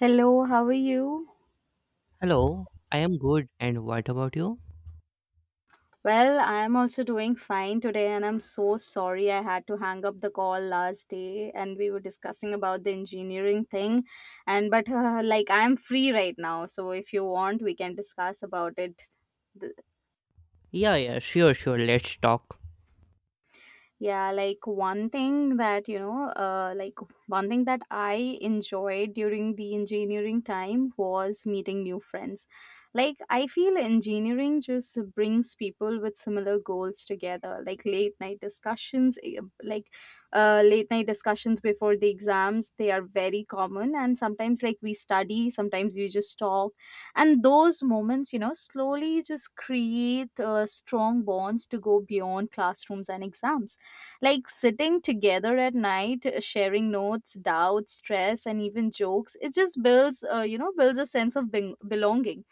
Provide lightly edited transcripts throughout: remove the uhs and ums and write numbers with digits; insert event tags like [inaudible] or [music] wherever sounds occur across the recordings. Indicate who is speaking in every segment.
Speaker 1: Hello, how are you?
Speaker 2: Hello, I am good. And what about you?
Speaker 1: Well, I am also doing fine today, and I'm so sorry I had to hang up the call last day, and we were discussing about the engineering thing, and but like I'm free right now, so if you want, we can discuss about it.
Speaker 2: Yeah, sure. Let's talk.
Speaker 1: Yeah, like one thing that, you know, one thing that I enjoyed during the engineering time was meeting new friends. Like, I feel engineering just brings people with similar goals together, like late night discussions, late night discussions before the exams, they are very common. And sometimes, like, we study, sometimes we just talk. And those moments, you know, slowly just create strong bonds to go beyond classrooms and exams, like sitting together at night, sharing notes, doubts, stress, and even jokes, it just builds, builds a sense of belonging.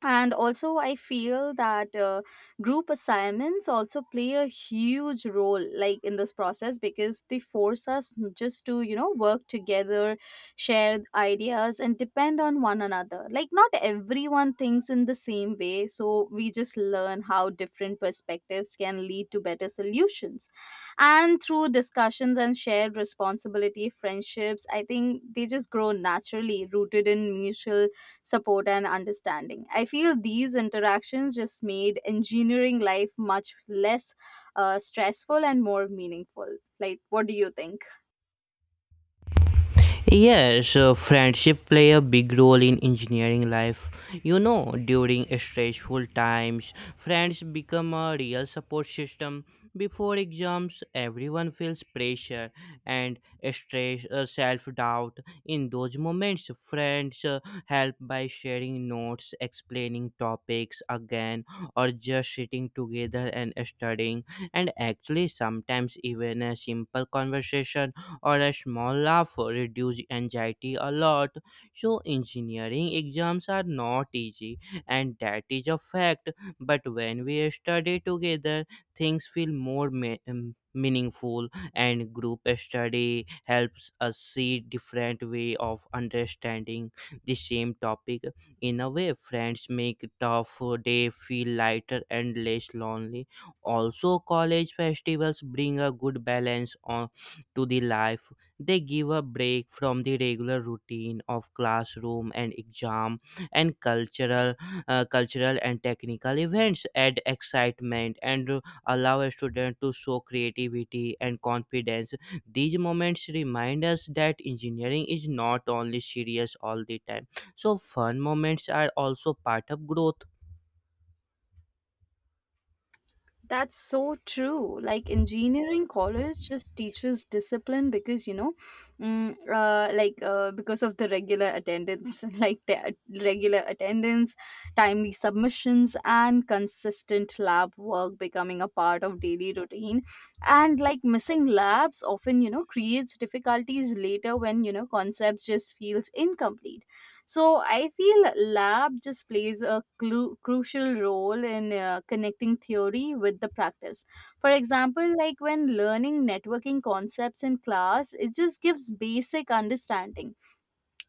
Speaker 1: And also I feel that group assignments also play a huge role like in this process because they force us just to, you know, work together, share ideas and depend on one another. Like not everyone thinks in the same way, so we just learn how different perspectives can lead to better solutions. And through discussions and shared responsibility, friendships, I think they just grow naturally, rooted in mutual support and understanding. I feel these interactions just made engineering life much less stressful and more meaningful. Like, what do you think?
Speaker 2: Yeah, so friendship play a big role in engineering life. You know, during stressful times, friends become a real support system. Before exams, everyone feels pressure and stress, self-doubt. In those moments, friends help by sharing notes, explaining topics again, or just sitting together and studying. And actually, sometimes even a simple conversation or a small laugh reduce anxiety a lot. So engineering exams are not easy and that is a fact. But when we study together, things feel meaningful and group study helps us see different way of understanding the same topic. In a way, friends make tough day feel lighter and less lonely. Also, college festivals bring a good balance to the life. They give a break from the regular routine of classroom and exam, and cultural and technical events. Add excitement and allow a student to show creativity and confidence. These moments remind us that engineering is not only serious all the time. So fun moments are also part of growth.
Speaker 1: That's so true. Like engineering college just teaches discipline because, you know, because of the regular attendance, [laughs] like the regular attendance, timely submissions, and consistent lab work becoming a part of daily routine. And like missing labs often, you know, creates difficulties later when, you know, concepts just feels incomplete. So I feel lab just plays a crucial role in connecting theory with the practice. For example, like when learning networking concepts in class, it just gives basic understanding,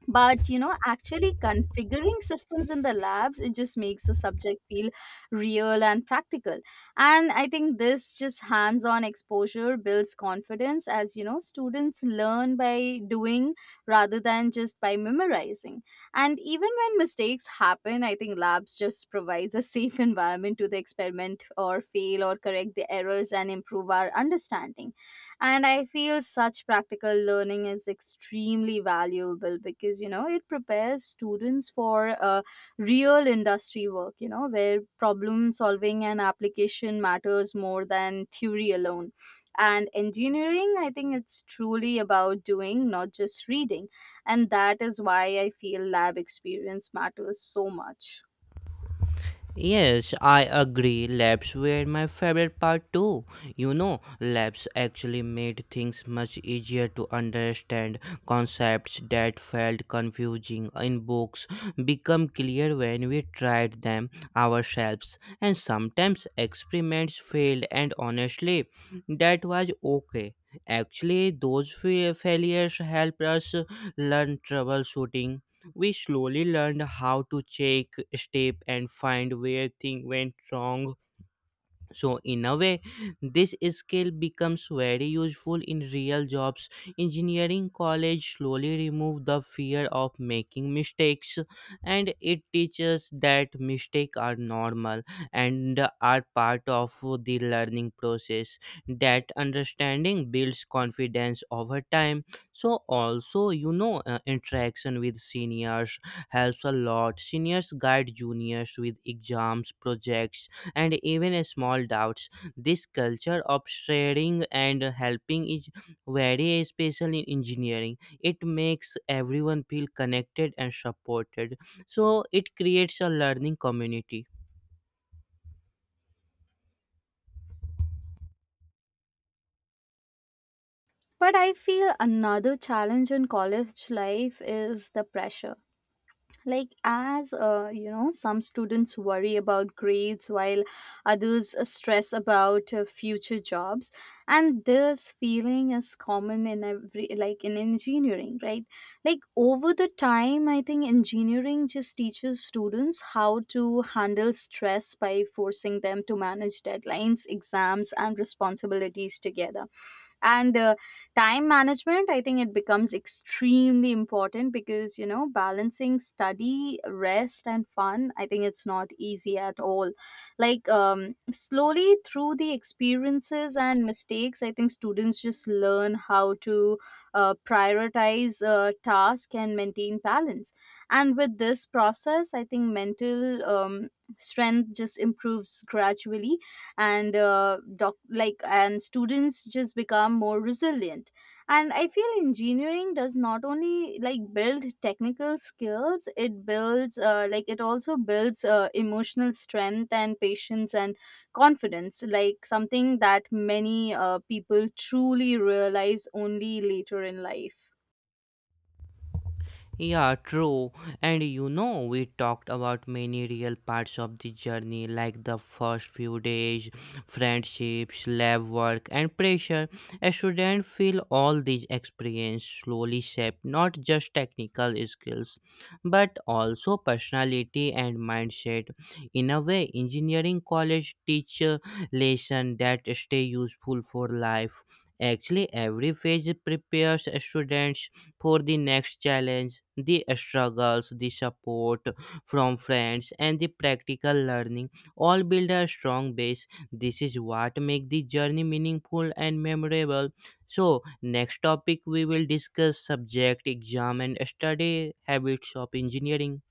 Speaker 1: but you know actually configuring systems in the labs, it just makes the subject feel real and practical. And I think this just hands on exposure builds confidence as, you know, students learn by doing rather than just by memorizing. And even when mistakes happen, I think labs just provides a safe environment to the experiment or fail or correct the errors and improve our understanding. And I feel such practical learning is extremely valuable because, you know, it prepares students for real industry work, you know, where problem solving and application matters more than theory alone. And engineering, I think it's truly about doing, not just reading. And that is why I feel lab experience matters so much.
Speaker 2: Yes, I agree. Labs were my favorite part too. You know, labs actually made things much easier to understand. Concepts that felt confusing in books become clear when we tried them ourselves. And sometimes experiments failed, and honestly, that was okay. Actually, those failures helped us learn troubleshooting. We slowly learned how to check, step, and find where things went wrong. So in a way, this skill becomes very useful in real jobs. Engineering college slowly remove the fear of making mistakes, and it teaches that mistakes are normal and are part of the learning process. That understanding builds confidence over time. So also, you know, interaction with seniors helps a lot. Seniors guide juniors with exams, projects, and even small doubts. This culture of sharing and helping is very special in engineering. It makes everyone feel connected and supported. So it creates a learning community.
Speaker 1: But I feel another challenge in college life is the pressure, like as you know, some students worry about grades while others stress about future jobs. And this feeling is common in every like in engineering, right? Like over the time, I think engineering just teaches students how to handle stress by forcing them to manage deadlines, exams and responsibilities together. And time management, I think it becomes extremely important because, you know, balancing study, rest and fun, I think it's not easy at all. Like slowly through the experiences and mistakes, I think students just learn how to prioritize task and maintain balance. And with this process, I think mental strength just improves gradually. And students just become more resilient. And I feel engineering does not only like build technical skills, it builds it also builds emotional strength and patience and confidence, like something that many people truly realize only later in life.
Speaker 2: Yeah, true. And you know, we talked about many real parts of the journey, like the first few days, friendships, lab work, and pressure. A student feel all these experience slowly shape not just technical skills, but also personality and mindset. In a way, engineering college teach lessons that stay useful for life. Actually, every phase prepares students for the next challenge. The struggles, the support from friends, and the practical learning all build a strong base. This is what makes the journey meaningful and memorable. So, next topic, we will discuss subject exam and study habits of engineering.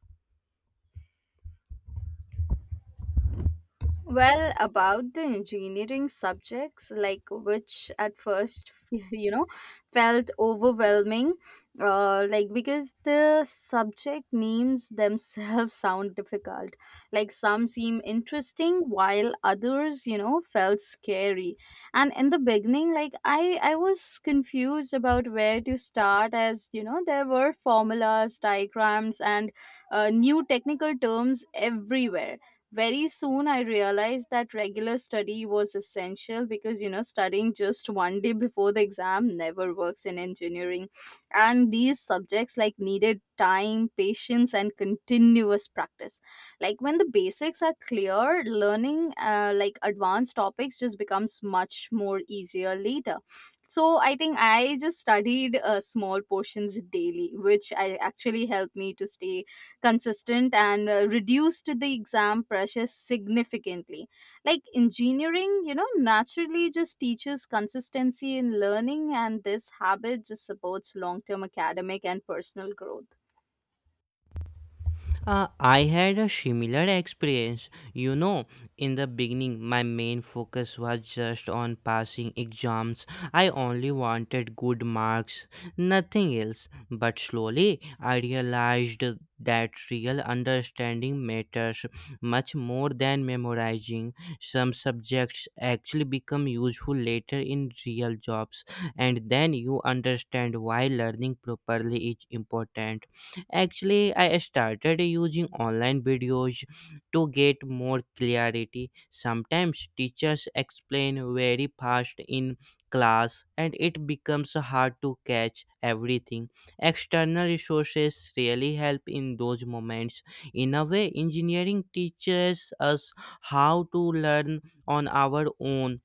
Speaker 1: Well, about the engineering subjects, like which at first, [laughs] you know, felt overwhelming, like because the subject names themselves [laughs] sound difficult. Like some seem interesting, while others, you know, felt scary. And in the beginning, like I was confused about where to start, as you know, there were formulas, diagrams, and new technical terms everywhere. Very soon I realized that regular study was essential because, you know, studying just one day before the exam never works in engineering, and these subjects like needed time, patience and continuous practice. Like when the basics are clear, learning advanced topics just becomes much more easier later. So I think I just studied small portions daily, which I actually helped me to stay consistent and reduced the exam pressure significantly. Like engineering, you know, naturally just teaches consistency in learning, and this habit just supports long term academic and personal growth.
Speaker 2: I had a similar experience. You know, in the beginning, my main focus was just on passing exams. I only wanted good marks, nothing else. But slowly, I realized that real understanding matters much more than memorizing. Some subjects actually become useful later in real jobs, and then you understand why learning properly is important. Actually, I started using online videos to get more clarity. Sometimes teachers explain very fast in class and it becomes hard to catch everything. External resources really help in those moments. In a way, engineering teaches us how to learn on our own,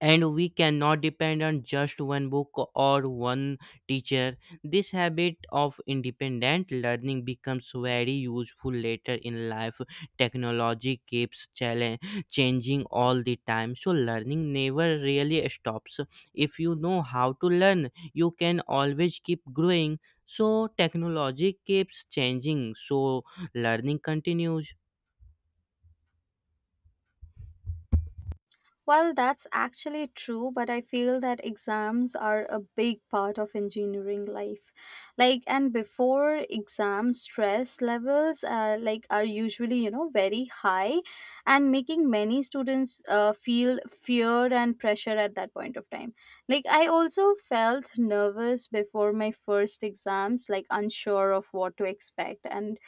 Speaker 2: and we cannot depend on just one book or one teacher. This habit of independent learning becomes very useful later in life. Technology keeps changing all the time, so learning never really stops. If you know how to learn, you can always keep growing. So, technology keeps changing, so learning continues.
Speaker 1: Well, that's actually true, but I feel that exams are a big part of engineering life. Like, and before exam stress levels are usually, you know, very high, and making many students feel fear and pressure at that point of time. Like, I also felt nervous before my first exams, like unsure of what to expect, and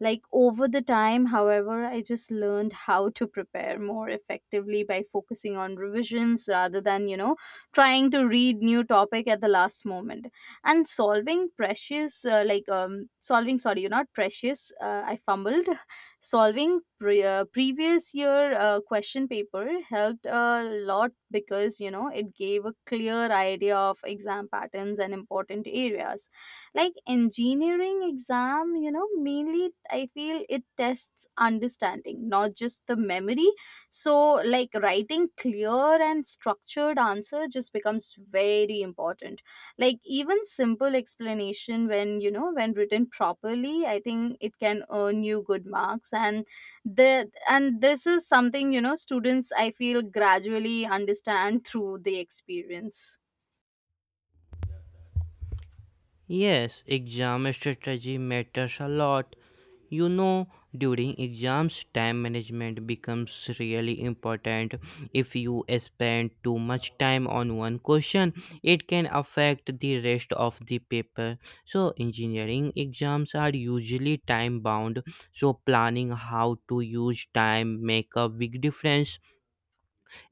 Speaker 1: like over the time, however, I just learned how to prepare more effectively by focusing on revisions rather than, you know, trying to read new topic at the last moment and solving precious like solving sorry, you're not precious. I fumbled. [laughs] Solving previous year question paper helped a lot because, you know, it gave a clear idea of exam patterns and important areas. Like engineering exam, you know, mainly I feel it tests understanding, not just the memory. So like writing clear and structured answer just becomes very important. Like even simple explanation when, you know, when written properly, I think it can earn you good marks. And the and this is something, you know, students I feel gradually understand through the experience.
Speaker 2: Yes, exam strategy matters a lot. You know, during exams, time management becomes really important. If you spend too much time on one question, it can affect the rest of the paper. So, engineering exams are usually time bound, so planning how to use time make a big difference.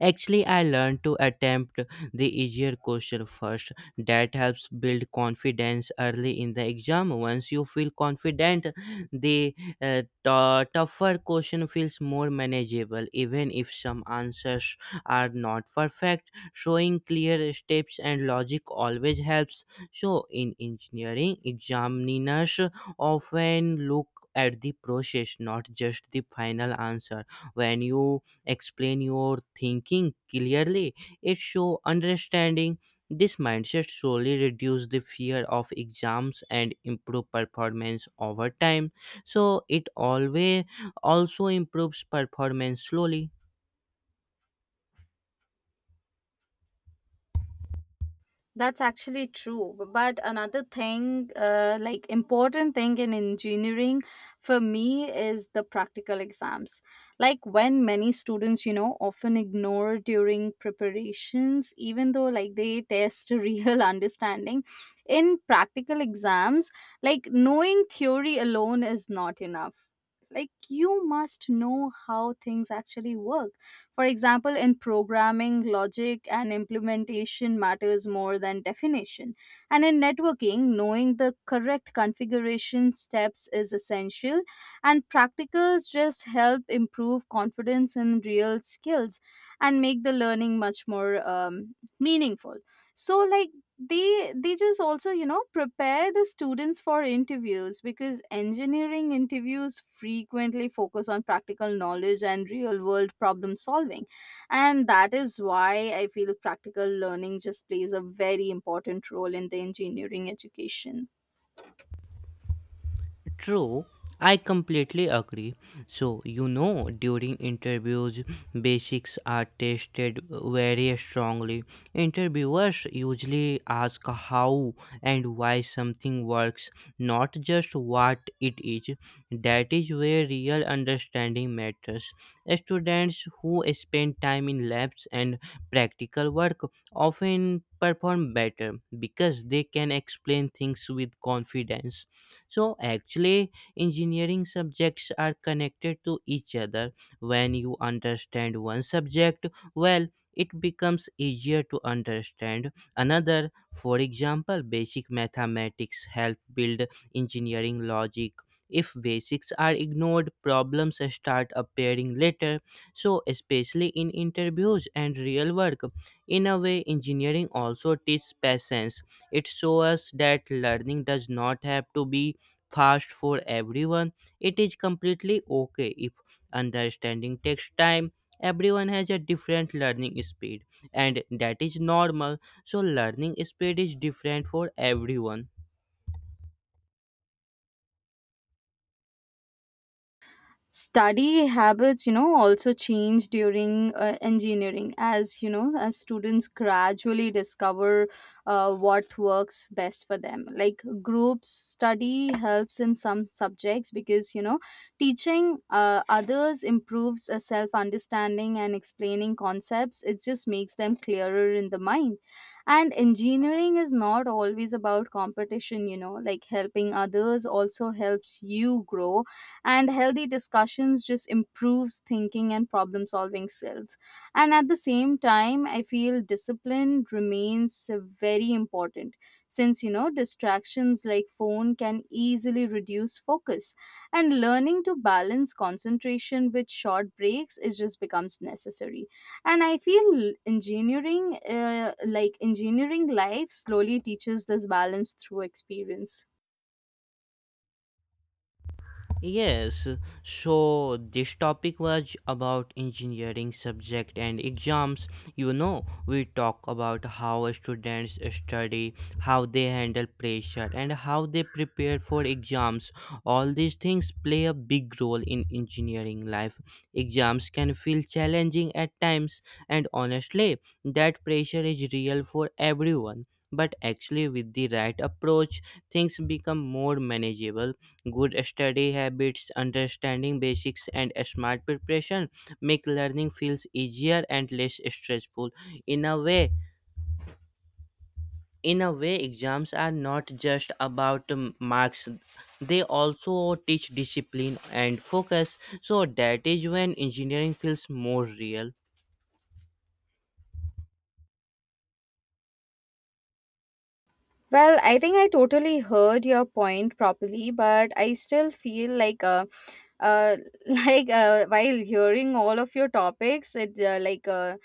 Speaker 2: Actually, I learned to attempt the easier question first. That helps build confidence early in the exam. Once you feel confident, the tougher question feels more manageable, even if some answers are not perfect. Showing clear steps and logic always helps. So, in engineering, examiners often look at the process, not just the final answer. When you explain your thinking clearly, it show understanding. This mindset slowly reduce the fear of exams and improve performance over time. So it always also improves performance slowly.
Speaker 1: That's actually true. But another thing, important thing in engineering for me is the practical exams. Like when many students, you know, often ignore during preparations, even though like they test [laughs] real understanding. In practical exams, like knowing theory alone is not enough. Like you must know how things actually work. For example, in programming, logic and implementation matters more than definition. And in networking, knowing the correct configuration steps is essential, and practicals just help improve confidence in real skills and make the learning much more meaningful. So, like, they just also, you know, prepare the students for interviews because engineering interviews frequently focus on practical knowledge and real world problem solving. And that is why I feel practical learning just plays a very important role in the engineering education.
Speaker 2: True, I completely agree. So, you know, during interviews, basics are tested very strongly. Interviewers usually ask how and why something works, not just what it is. That is where real understanding matters. Students who spend time in labs and practical work often perform better because they can explain things with confidence. So actually, engineering subjects are connected to each other. When you understand one subject well, it becomes easier to understand another. For example, basic mathematics help build engineering logic. If basics are ignored, problems start appearing later. So, especially in interviews and real work, in a way, engineering also teaches patience. It shows us that learning does not have to be fast for everyone. It is completely okay if understanding takes time. Everyone has a different learning speed, and that is normal. So, learning speed is different for everyone.
Speaker 1: Study habits, you know, also change during engineering, as you know, as students gradually discover what works best for them. Like group study helps in some subjects because, you know, teaching others improves a self understanding, and explaining concepts, it just makes them clearer in the mind. And engineering is not always about competition, you know. Like helping others also helps you grow, and healthy discussions just improves thinking and problem solving skills. And at the same time, I feel discipline remains very important, since you know distractions like phone can easily reduce focus, and learning to balance concentration with short breaks is just becomes necessary. And I feel engineering life slowly teaches this balance through experience.
Speaker 2: Yes, so this topic was about engineering subject and exams. You know, we talk about how students study, how they handle pressure, and how they prepare for exams. All these things play a big role in engineering life. Exams can feel challenging at times, and honestly, that pressure is real for everyone. But actually, with the right approach, things become more manageable. Good study habits, understanding basics, and smart preparation make learning feels easier and less stressful. In a way, in a way, exams are not just about marks; they also teach discipline and focus. So that is when engineering feels more real.
Speaker 1: Well, I think I totally heard your point properly, but I still feel like uh [laughs] while hearing all of your topics, it like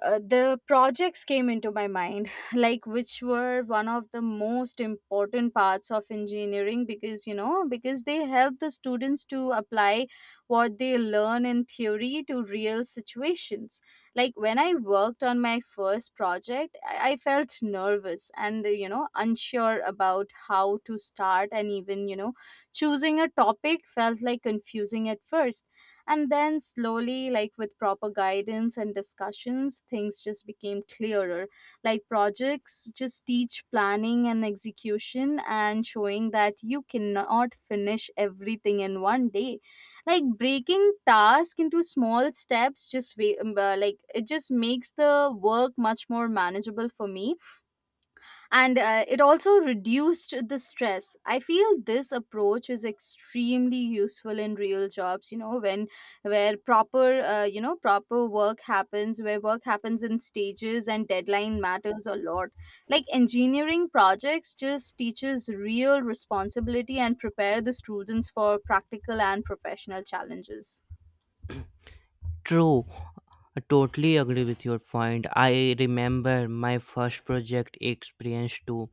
Speaker 1: the projects came into my mind [laughs] like which were one of the most important parts of engineering because, you know, because they help the students to apply what they learn in theory to real situations. Like when I worked on my first project, I felt nervous and, you know, unsure about how to start, and even, you know, choosing a topic felt like confusing at first. And then slowly, like with proper guidance and discussions, things just became clearer. Like projects just teach planning and execution and showing that you cannot finish everything in one day. Like breaking task into small steps just wa- like it just makes the work much more manageable for me and it also reduced the stress. I feel this approach is extremely useful in real jobs, you know, when where proper proper work happens, where work happens in stages and deadline matters a lot. Like engineering projects just teaches real responsibility and prepare the students for practical and professional challenges.
Speaker 2: True, I totally agree with your point. I remember my first project experience too.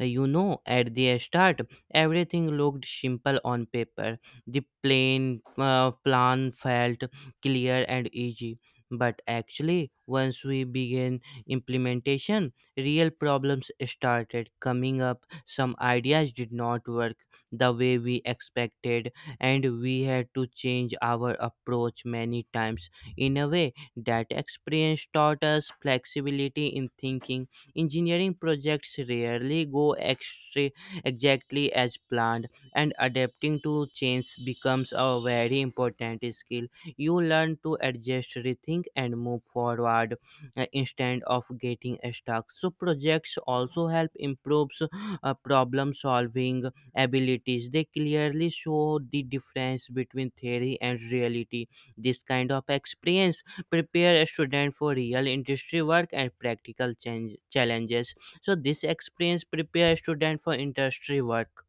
Speaker 2: You know, at the start, everything looked simple on paper. The plain plan felt clear and easy. But actually, once we began implementation, real problems started coming up. Some ideas did not work the way we expected, and we had to change our approach many times. In a way, that experience taught us flexibility in thinking. Engineering projects rarely exactly as planned, and adapting to change becomes a very important skill. You learn to adjust, rethink, and move forward instead of getting stuck. So projects also help improves problem solving abilities. They clearly show the difference between theory and reality. This kind of experience prepare a student for real industry work and practical challenges. So this experience prepare a student for industry work.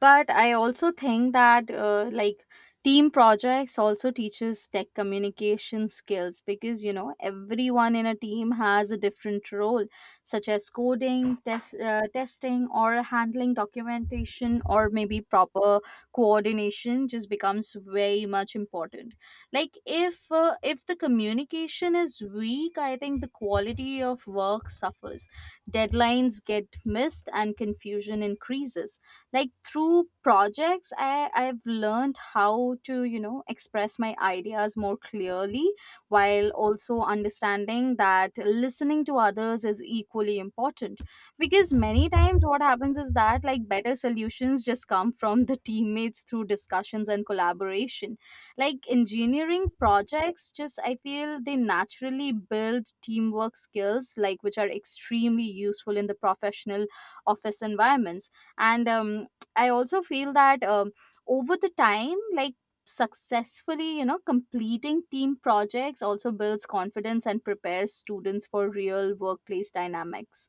Speaker 1: But I also think that team projects also teaches tech communication skills, because you know everyone in a team has a different role, such as coding, testing or handling documentation, or maybe proper coordination just becomes very much important. Like if the communication is weak, I think the quality of work suffers, deadlines get missed and confusion increases. Like through projects I've learned how to, you know, express my ideas more clearly, while also understanding that listening to others is equally important, because many times what happens is that like better solutions just come from the teammates through discussions and collaboration. Like engineering projects, just I feel they naturally build teamwork skills, like which are extremely useful in the professional office environments. And I also feel that, over the time, like successfully, you know, completing team projects also builds confidence and prepares students for real workplace dynamics.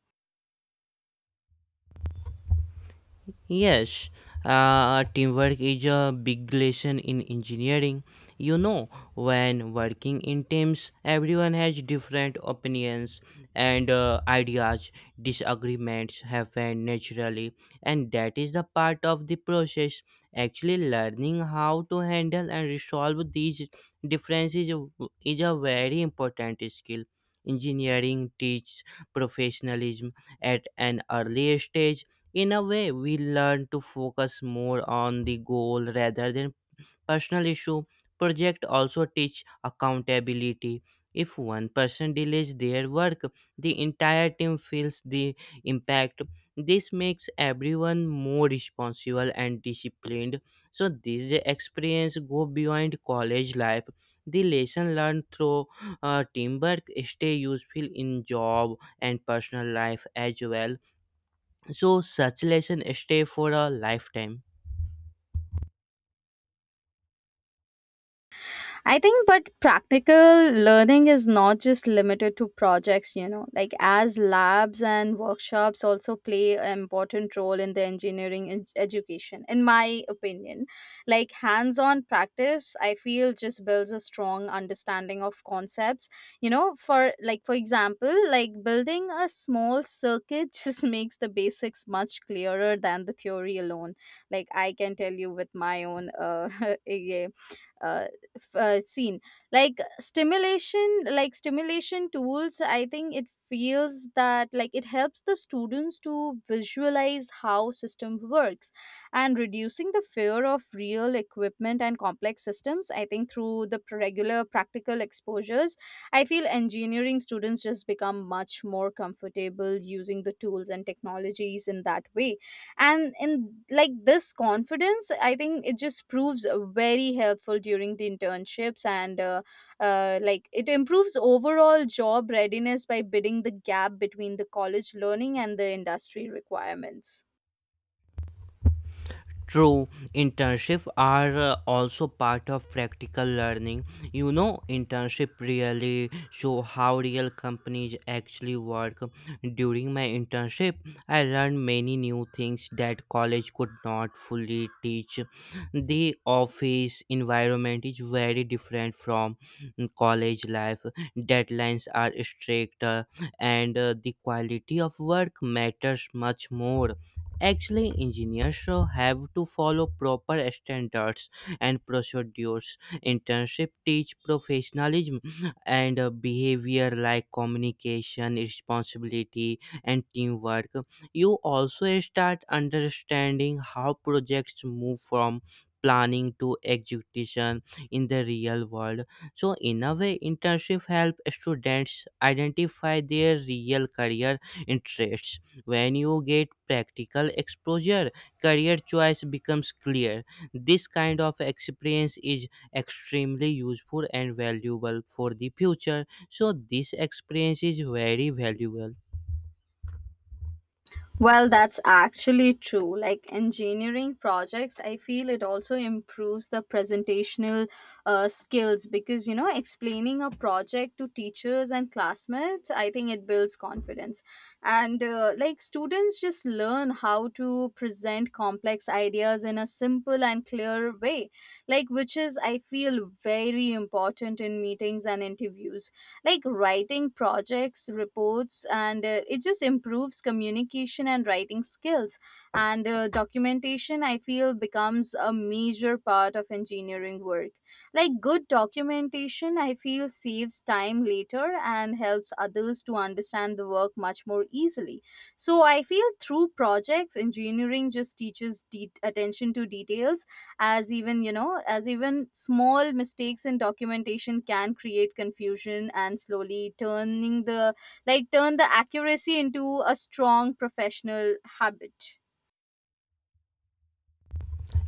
Speaker 2: Yes, teamwork is a big lesson in engineering. You know, when working in teams, everyone has different opinions and ideas. Disagreements happen naturally, and that is the part of the process. Actually, learning how to handle and resolve these differences is a very important skill. Engineering teaches professionalism at an early stage. In a way, we learn to focus more on the goal rather than personal issue. Project also teach accountability. If one person delays their work, the entire team feels the impact. This makes everyone more responsible and disciplined. So this experience go beyond college life. The lesson learned through teamwork stay useful in job and personal life as well. So such lesson stay for a lifetime.
Speaker 1: I think, but practical learning is not just limited to projects, you know, like as labs and workshops also play an important role in the engineering education, in my opinion. Like hands on practice, I feel, just builds a strong understanding of concepts, you know, for like, for example, like building a small circuit [laughs] just makes the basics much clearer than the theory alone. Like I can tell you with my own [laughs] uh, seen, like stimulation, like stimulation tools, I think it feels that like it helps the students to visualize how system works, and reducing the fear of real equipment and complex systems. I think through the regular practical exposures, I feel engineering students just become much more comfortable using the tools and technologies in that way. And in like this confidence, I think it just proves very helpful during the internships, and it improves overall job readiness by bidding the gap between the college learning and the industry requirements.
Speaker 2: True, internship are also part of practical learning. You know, internship really show how real companies actually work. During my internship, I learned many new things that college could not fully teach. The office environment is very different from college life. Deadlines are stricter and the quality of work matters much more. Actually, engineers so have to follow proper standards and procedures. Internship teach professionalism and behavior like communication, responsibility, and teamwork. You also start understanding how projects move from planning to execution in the real world. So in a way, internship help students identify their real career interests. When you get practical exposure, career choice becomes clear. This kind of experience is extremely useful and valuable for the future. So, this experience is very valuable.
Speaker 1: Well, that's actually true. Like engineering projects, I feel it also improves the presentational skills, because, you know, explaining a project to teachers and classmates, I think it builds confidence. And like students just learn how to present complex ideas in a simple and clear way, like which is, I feel, very important in meetings and interviews. Like writing projects reports, and it just improves communication and writing skills. And documentation, I feel, becomes a major part of engineering work. Like good documentation, I feel, saves time later and helps others to understand the work much more easily. So I feel through projects, engineering just teaches attention to details, as even, you know, as even small mistakes in documentation can create confusion and slowly turning the, like turn the accuracy into a strong professional habit.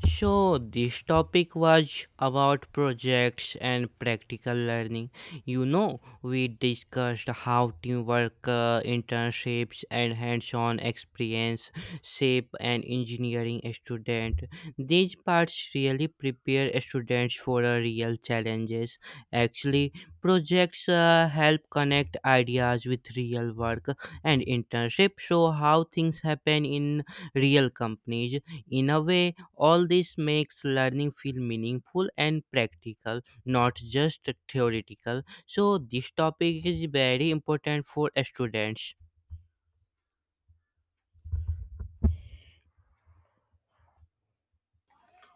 Speaker 2: So, this topic was about projects and practical learning. You know, we discussed how teamwork, internships, and hands on experience shape an engineering student. These parts really prepare students for real challenges. Actually, projects help connect ideas with real work, and internships show how things happen in real companies. In a way, all this makes learning feel meaningful and practical, not just theoretical. So, this topic is very important for students.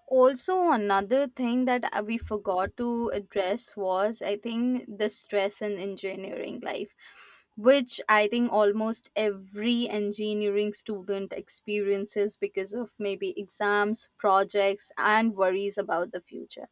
Speaker 1: Also another thing that we forgot to address was, I think, the stress in engineering life, which I think almost every engineering student experiences because of maybe exams, projects and worries about the future.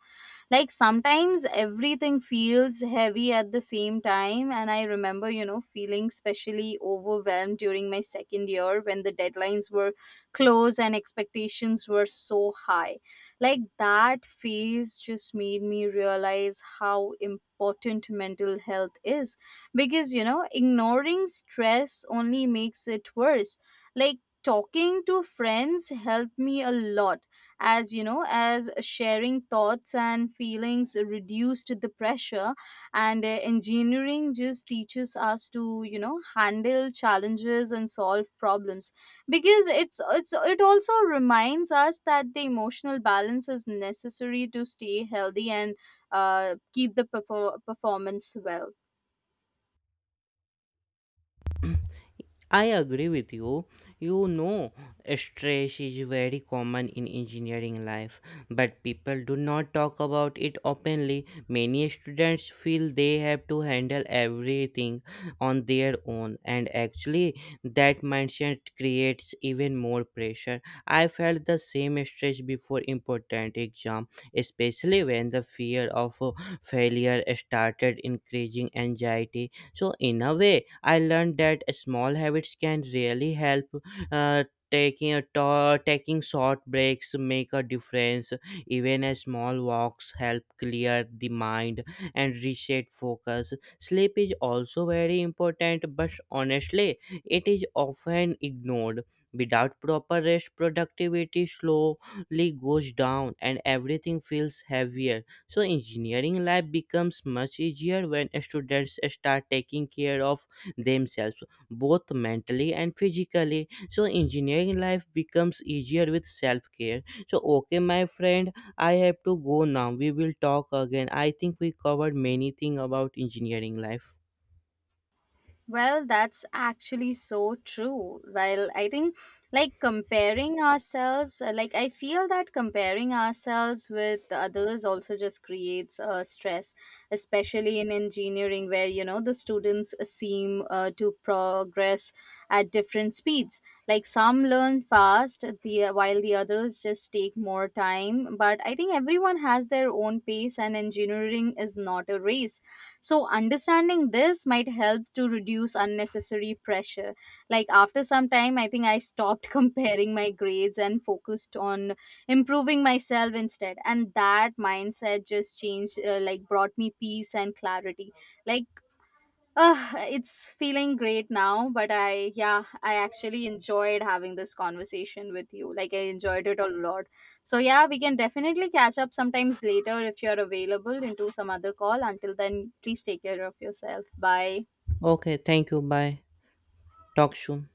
Speaker 1: Like sometimes everything feels heavy at the same time, and I remember, you know, feeling especially overwhelmed during my second year, when the deadlines were close and expectations were so high. Like that phase just made me realize how important mental health is, because you know ignoring stress only makes it worse. Like talking to friends helped me a lot, as you know, as sharing thoughts and feelings reduced the pressure. And engineering just teaches us to, you know, handle challenges and solve problems, because it also reminds us that the emotional balance is necessary to stay healthy and keep the performance well.
Speaker 2: I agree with you. You know, stress is very common in engineering life, but people do not talk about it openly. Many students feel they have to handle everything on their own, and actually, that mindset creates even more pressure. I felt the same stress before important exam, especially when the fear of failure started increasing anxiety. So, in a way, I learned that small habits can really help. Uh, taking short breaks make a difference. Even a small walks help clear the mind and reset focus. Sleep is also very important, but honestly, it is often ignored. Without proper rest, productivity slowly goes down and everything feels heavier. So engineering life becomes much easier when students start taking care of themselves, both mentally and physically. So engineering life becomes easier with self-care. So okay, my friend, I have to go now. We will talk again. I think we covered many things about engineering life.
Speaker 1: Well, that's actually so true. Well, I think like comparing ourselves, like I feel that comparing ourselves with the others also just creates stress, especially in engineering where, you know, the students seem to progress at different speeds. Like some learn fast, the while the others just take more time. But I think everyone has their own pace, and engineering is not a race, so understanding this might help to reduce unnecessary pressure. Like, after some time, I think I stopped [laughs] comparing my grades and focused on improving myself instead. And that mindset just changed, like, brought me peace and clarity. Like, it's feeling great now, but I, yeah, I actually enjoyed having this conversation with you. Like, I enjoyed it a lot. So, yeah, we can definitely catch up sometimes later if you're available into some other call. Until then, please take care of yourself. Bye.
Speaker 2: Okay, thank you. Bye. Talk soon.